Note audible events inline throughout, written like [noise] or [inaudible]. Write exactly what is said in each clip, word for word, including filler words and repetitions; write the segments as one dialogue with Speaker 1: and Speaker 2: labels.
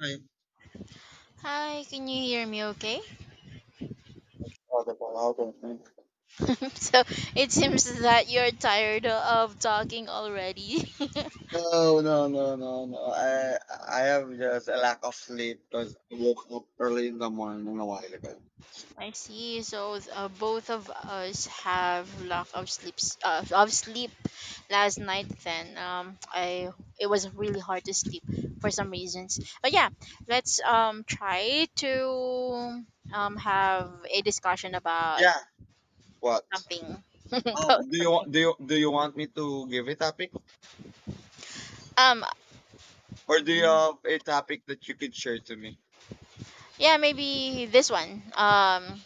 Speaker 1: I
Speaker 2: Hi, can you hear me okay?
Speaker 1: thought about it.
Speaker 2: [laughs] so it seems that you're tired of talking already.
Speaker 1: No, no, no, no, no. I I have just a lack of sleep because I woke up early in the morning a while ago.
Speaker 2: [laughs] I see. So uh, both of us have lack of sleeps uh, of sleep last night. Then um, I it was really hard to sleep for some reasons. But yeah, let's um try to um have a discussion about
Speaker 1: Yeah. What?
Speaker 2: something [laughs] about
Speaker 1: Um. Do you
Speaker 2: something.
Speaker 1: want do you do you want me to give a topic,
Speaker 2: Um,
Speaker 1: or do you have a topic that you could share to me?
Speaker 2: Yeah, maybe this one um,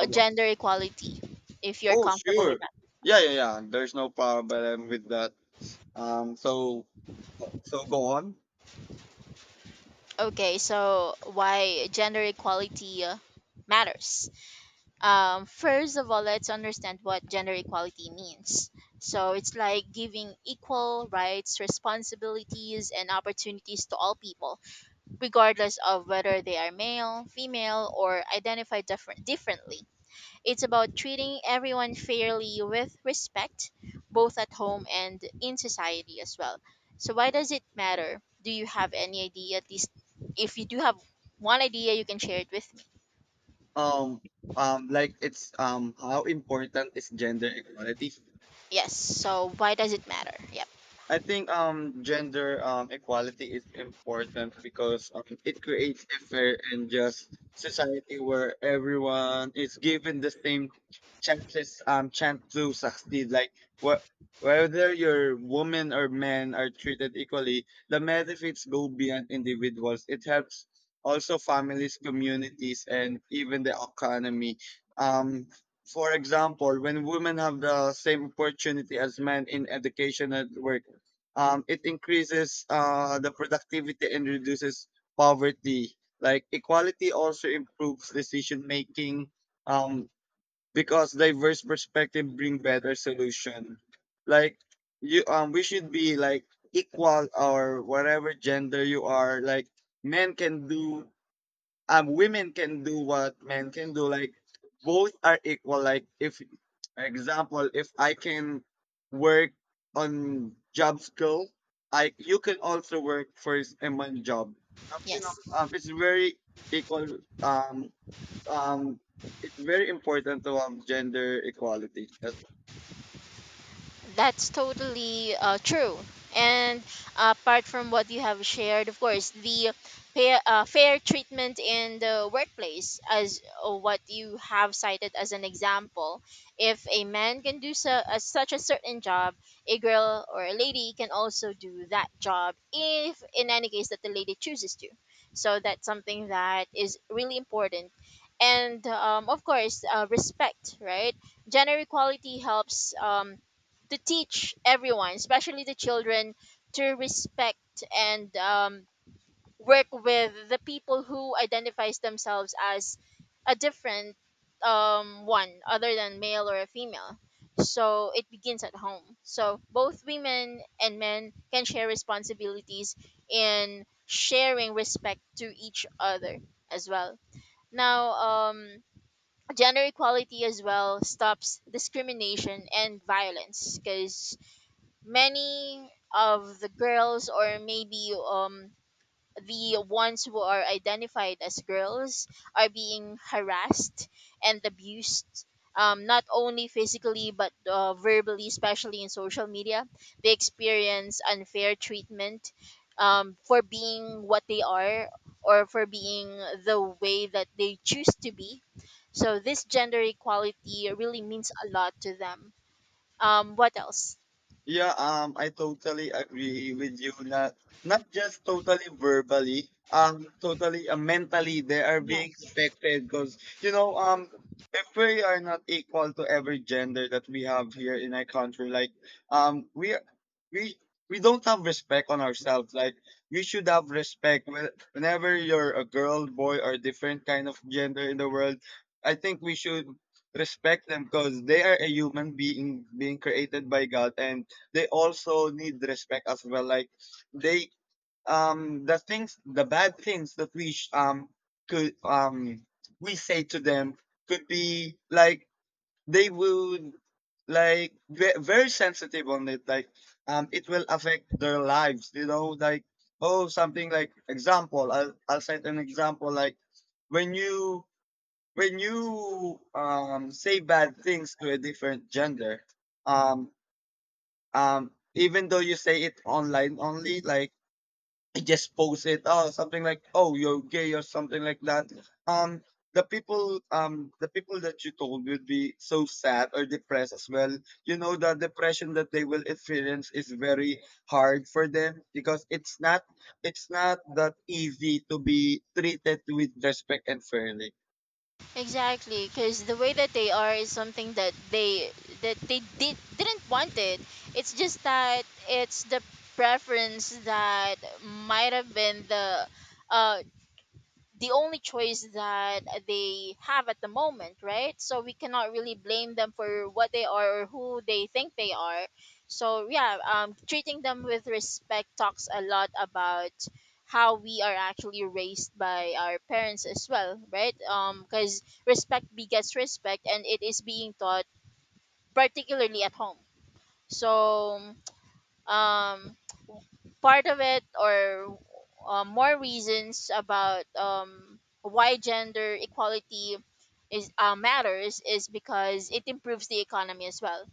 Speaker 1: Uh, wha-
Speaker 2: gender equality, if you're
Speaker 1: Oh,
Speaker 2: comfortable with
Speaker 1: sure.
Speaker 2: that.
Speaker 1: Yeah, yeah, yeah. There's no problem with that. Um. So so go on.
Speaker 2: Okay, so why gender equality uh, matters. Um, first of all, let's understand what gender equality means. So it's like giving equal rights, responsibilities, and opportunities to all people, regardless of whether they are male, female, or identify different differently. It's about treating everyone fairly with respect, both at home and in society as well. So, why does it matter? Do you have any idea? At least, if you do have one idea, you can share it with me.
Speaker 1: Um. Um. Like it's um. how important is gender equality?
Speaker 2: Yes. So, why does it matter? Yep.
Speaker 1: I think um gender um equality is important because um, it creates a fair and just society where everyone is given the same chances um chance to succeed. Like what whether you're woman or men are treated equally, the benefits go beyond individuals. It helps also families, communities, and even the economy. Um, for example, when women have the same opportunity as men in education and work, um, it increases uh, the productivity and reduces poverty. Like equality also improves decision making, um, because diverse perspective bring better solution. Like you, um, we should be like equal or whatever gender you are. Like men can do um women can do what men can do. Like both are equal. Like if, for example, if I can work on job skill, I you can also work for s- in one job. Um, you know, um,
Speaker 2: Yes.
Speaker 1: it's very equal. um um it's very important to have gender equality.
Speaker 2: That's totally uh, true. And uh, apart from what you have shared, of course, the fair, uh, fair treatment in the workplace, as uh, what you have cited as an example, if a man can do so, uh, such a certain job, a girl or a lady can also do that job, if in any case that the lady chooses to. So that's something that is really important. And um, of course, uh, respect, right? Gender equality helps. Um, to teach everyone, especially the children, to respect and um, work with the people who identifies themselves as a different um, one other than male or a female. So it begins at home. So both women and men can share responsibilities in sharing respect to each other as well. Now, um, gender equality as well stops discrimination and violence because many of the girls, or maybe um the ones who are identified as girls, are being harassed and abused, um, not only physically but uh, verbally, especially in social media. They experience unfair treatment, um, for being what they are, or for being the way that they choose to be. So this gender equality really means a lot to them. Um, what else?
Speaker 1: Yeah, um, I totally agree with you. Not not just totally verbally, um, totally uh, mentally they are
Speaker 2: Yes.
Speaker 1: being expected because you know, um, if we are not equal to every gender that we have here in our country, like um, we are- we we don't have respect on ourselves. Like we should have respect when- whenever you're a girl, boy, or different kind of gender in the world. I think we should respect them because they are a human being being created by God, and they also need respect as well. Like they, um the things, the bad things that we sh- um could um we say to them could be like they would like ve- very sensitive on it. Like um it will affect their lives, you know. Like oh something like example, i'll, I'll set an example. Like when you, when you um say bad things to a different gender, um um even though you say it online only, like I just post it, oh something like oh you're gay or something like that. um the people, um the people that you told will be so sad or depressed as well. You know, the depression that they will experience is very hard for them, because it's not, it's not that easy to be treated with respect and fairly.
Speaker 2: Exactly, because the way that they are is something that they that they did didn't want. It. It's just that it's the preference that might have been the uh the only choice that they have at the moment, right? So we cannot really blame them for what they are or who they think they are. So yeah, um, treating them with respect talks a lot about how we are actually raised by our parents as well, right? Um, because respect begets respect, and it is being taught particularly at home. So um part of it, or uh, more reasons about um, why gender equality is uh, matters, is because it improves the economy as well.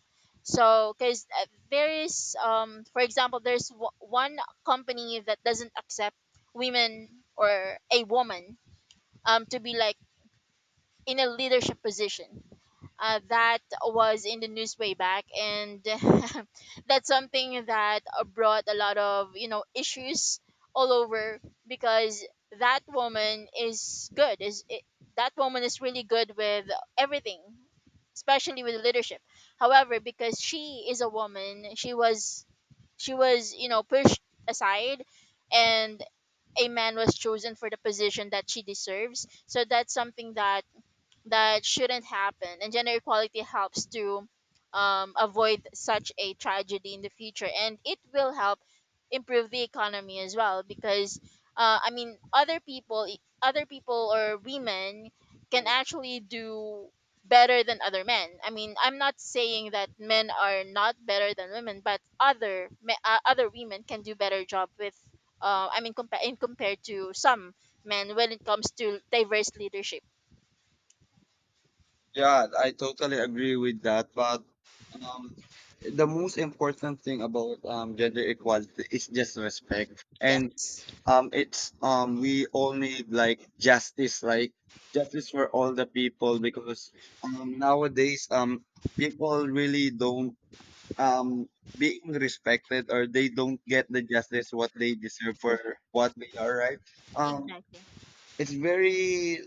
Speaker 2: So, because there is, um, for example, there's w- one company that doesn't accept women, or a woman, um, to be like in a leadership position. Uh, that was in the news way back, and [laughs] that's something that uh, brought a lot of, you know, issues all over, because that woman is good is it, that woman is really good with everything, especially with leadership. However, because she is a woman, she was she was, you know, pushed aside, and a man was chosen for the position that she deserves. So that's something that that shouldn't happen, and gender equality helps to um, avoid such a tragedy in the future. And it will help improve the economy as well, because uh, i mean other people e, other people, or women, can actually do better than other men. I mean, I'm not saying that men are not better than women, but other me- uh, other women can do better job with, uh, i mean compa- in compared to some men when it comes to diverse leadership.
Speaker 1: Yeah, I totally agree with that. But um, the most important thing about um, gender equality is just respect, and
Speaker 2: Yes.
Speaker 1: um, it's um, we all need like justice, like justice for all the people, because um, nowadays, um, people really don't, um being respected, or they don't get the justice what they deserve for what they are, right? Um,
Speaker 2: Exactly.
Speaker 1: it's very,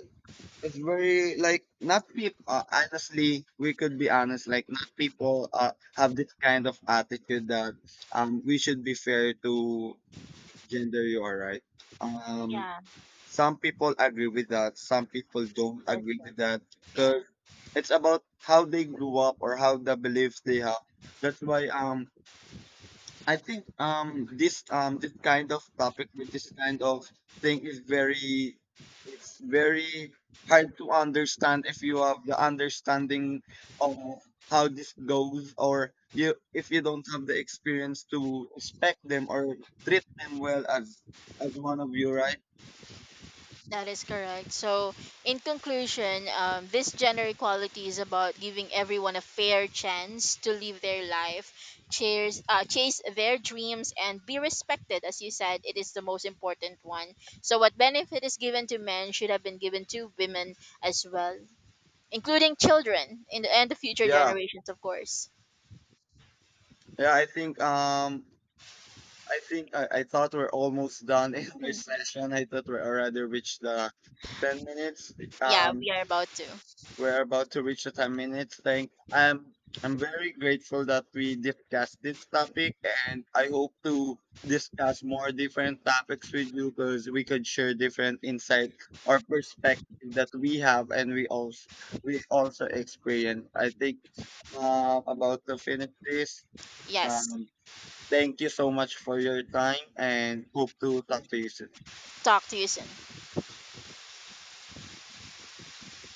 Speaker 1: it's very like not people. Uh, honestly, we could be honest. Like not people uh, have this kind of attitude that um we should be fair to gender. You are right. Um,
Speaker 2: Yeah,
Speaker 1: some people agree with that. Some people don't
Speaker 2: that
Speaker 1: agree with that
Speaker 2: yeah,
Speaker 1: because it's about how they grew up or how the beliefs they have. That's why um I think um this um this kind of topic with this kind of thing is very, it's very hard to understand if you
Speaker 2: yeah,
Speaker 1: have the understanding of how this goes, or you if you don't have the experience to respect them or treat them well as as one of you, right?
Speaker 2: that is correct. So, in conclusion, um, this gender equality is about giving everyone a fair chance to live their life, chase uh, chase their dreams, and be respected. As you said, it is the most important one. So, what benefit is given to men should have been given to women as well, including children in the, and the future
Speaker 1: Yeah,
Speaker 2: generations, of course.
Speaker 1: yeah, I think um I think I, I thought we're almost done in our [laughs]
Speaker 2: Mhm.
Speaker 1: session. I thought we already reached the ten minutes.
Speaker 2: Yeah,
Speaker 1: um
Speaker 2: we are about to.
Speaker 1: We're about to reach the ten minutes thing. I'm I'm very grateful that we discussed this topic, and I hope to discuss more different topics with you, because we could share different insight or perspective that we have, and we also, we also experience. I think uh, about to finish this.
Speaker 2: Yes.
Speaker 1: Um, thank you so much for your time and hope to talk to you soon.
Speaker 2: Talk to you soon.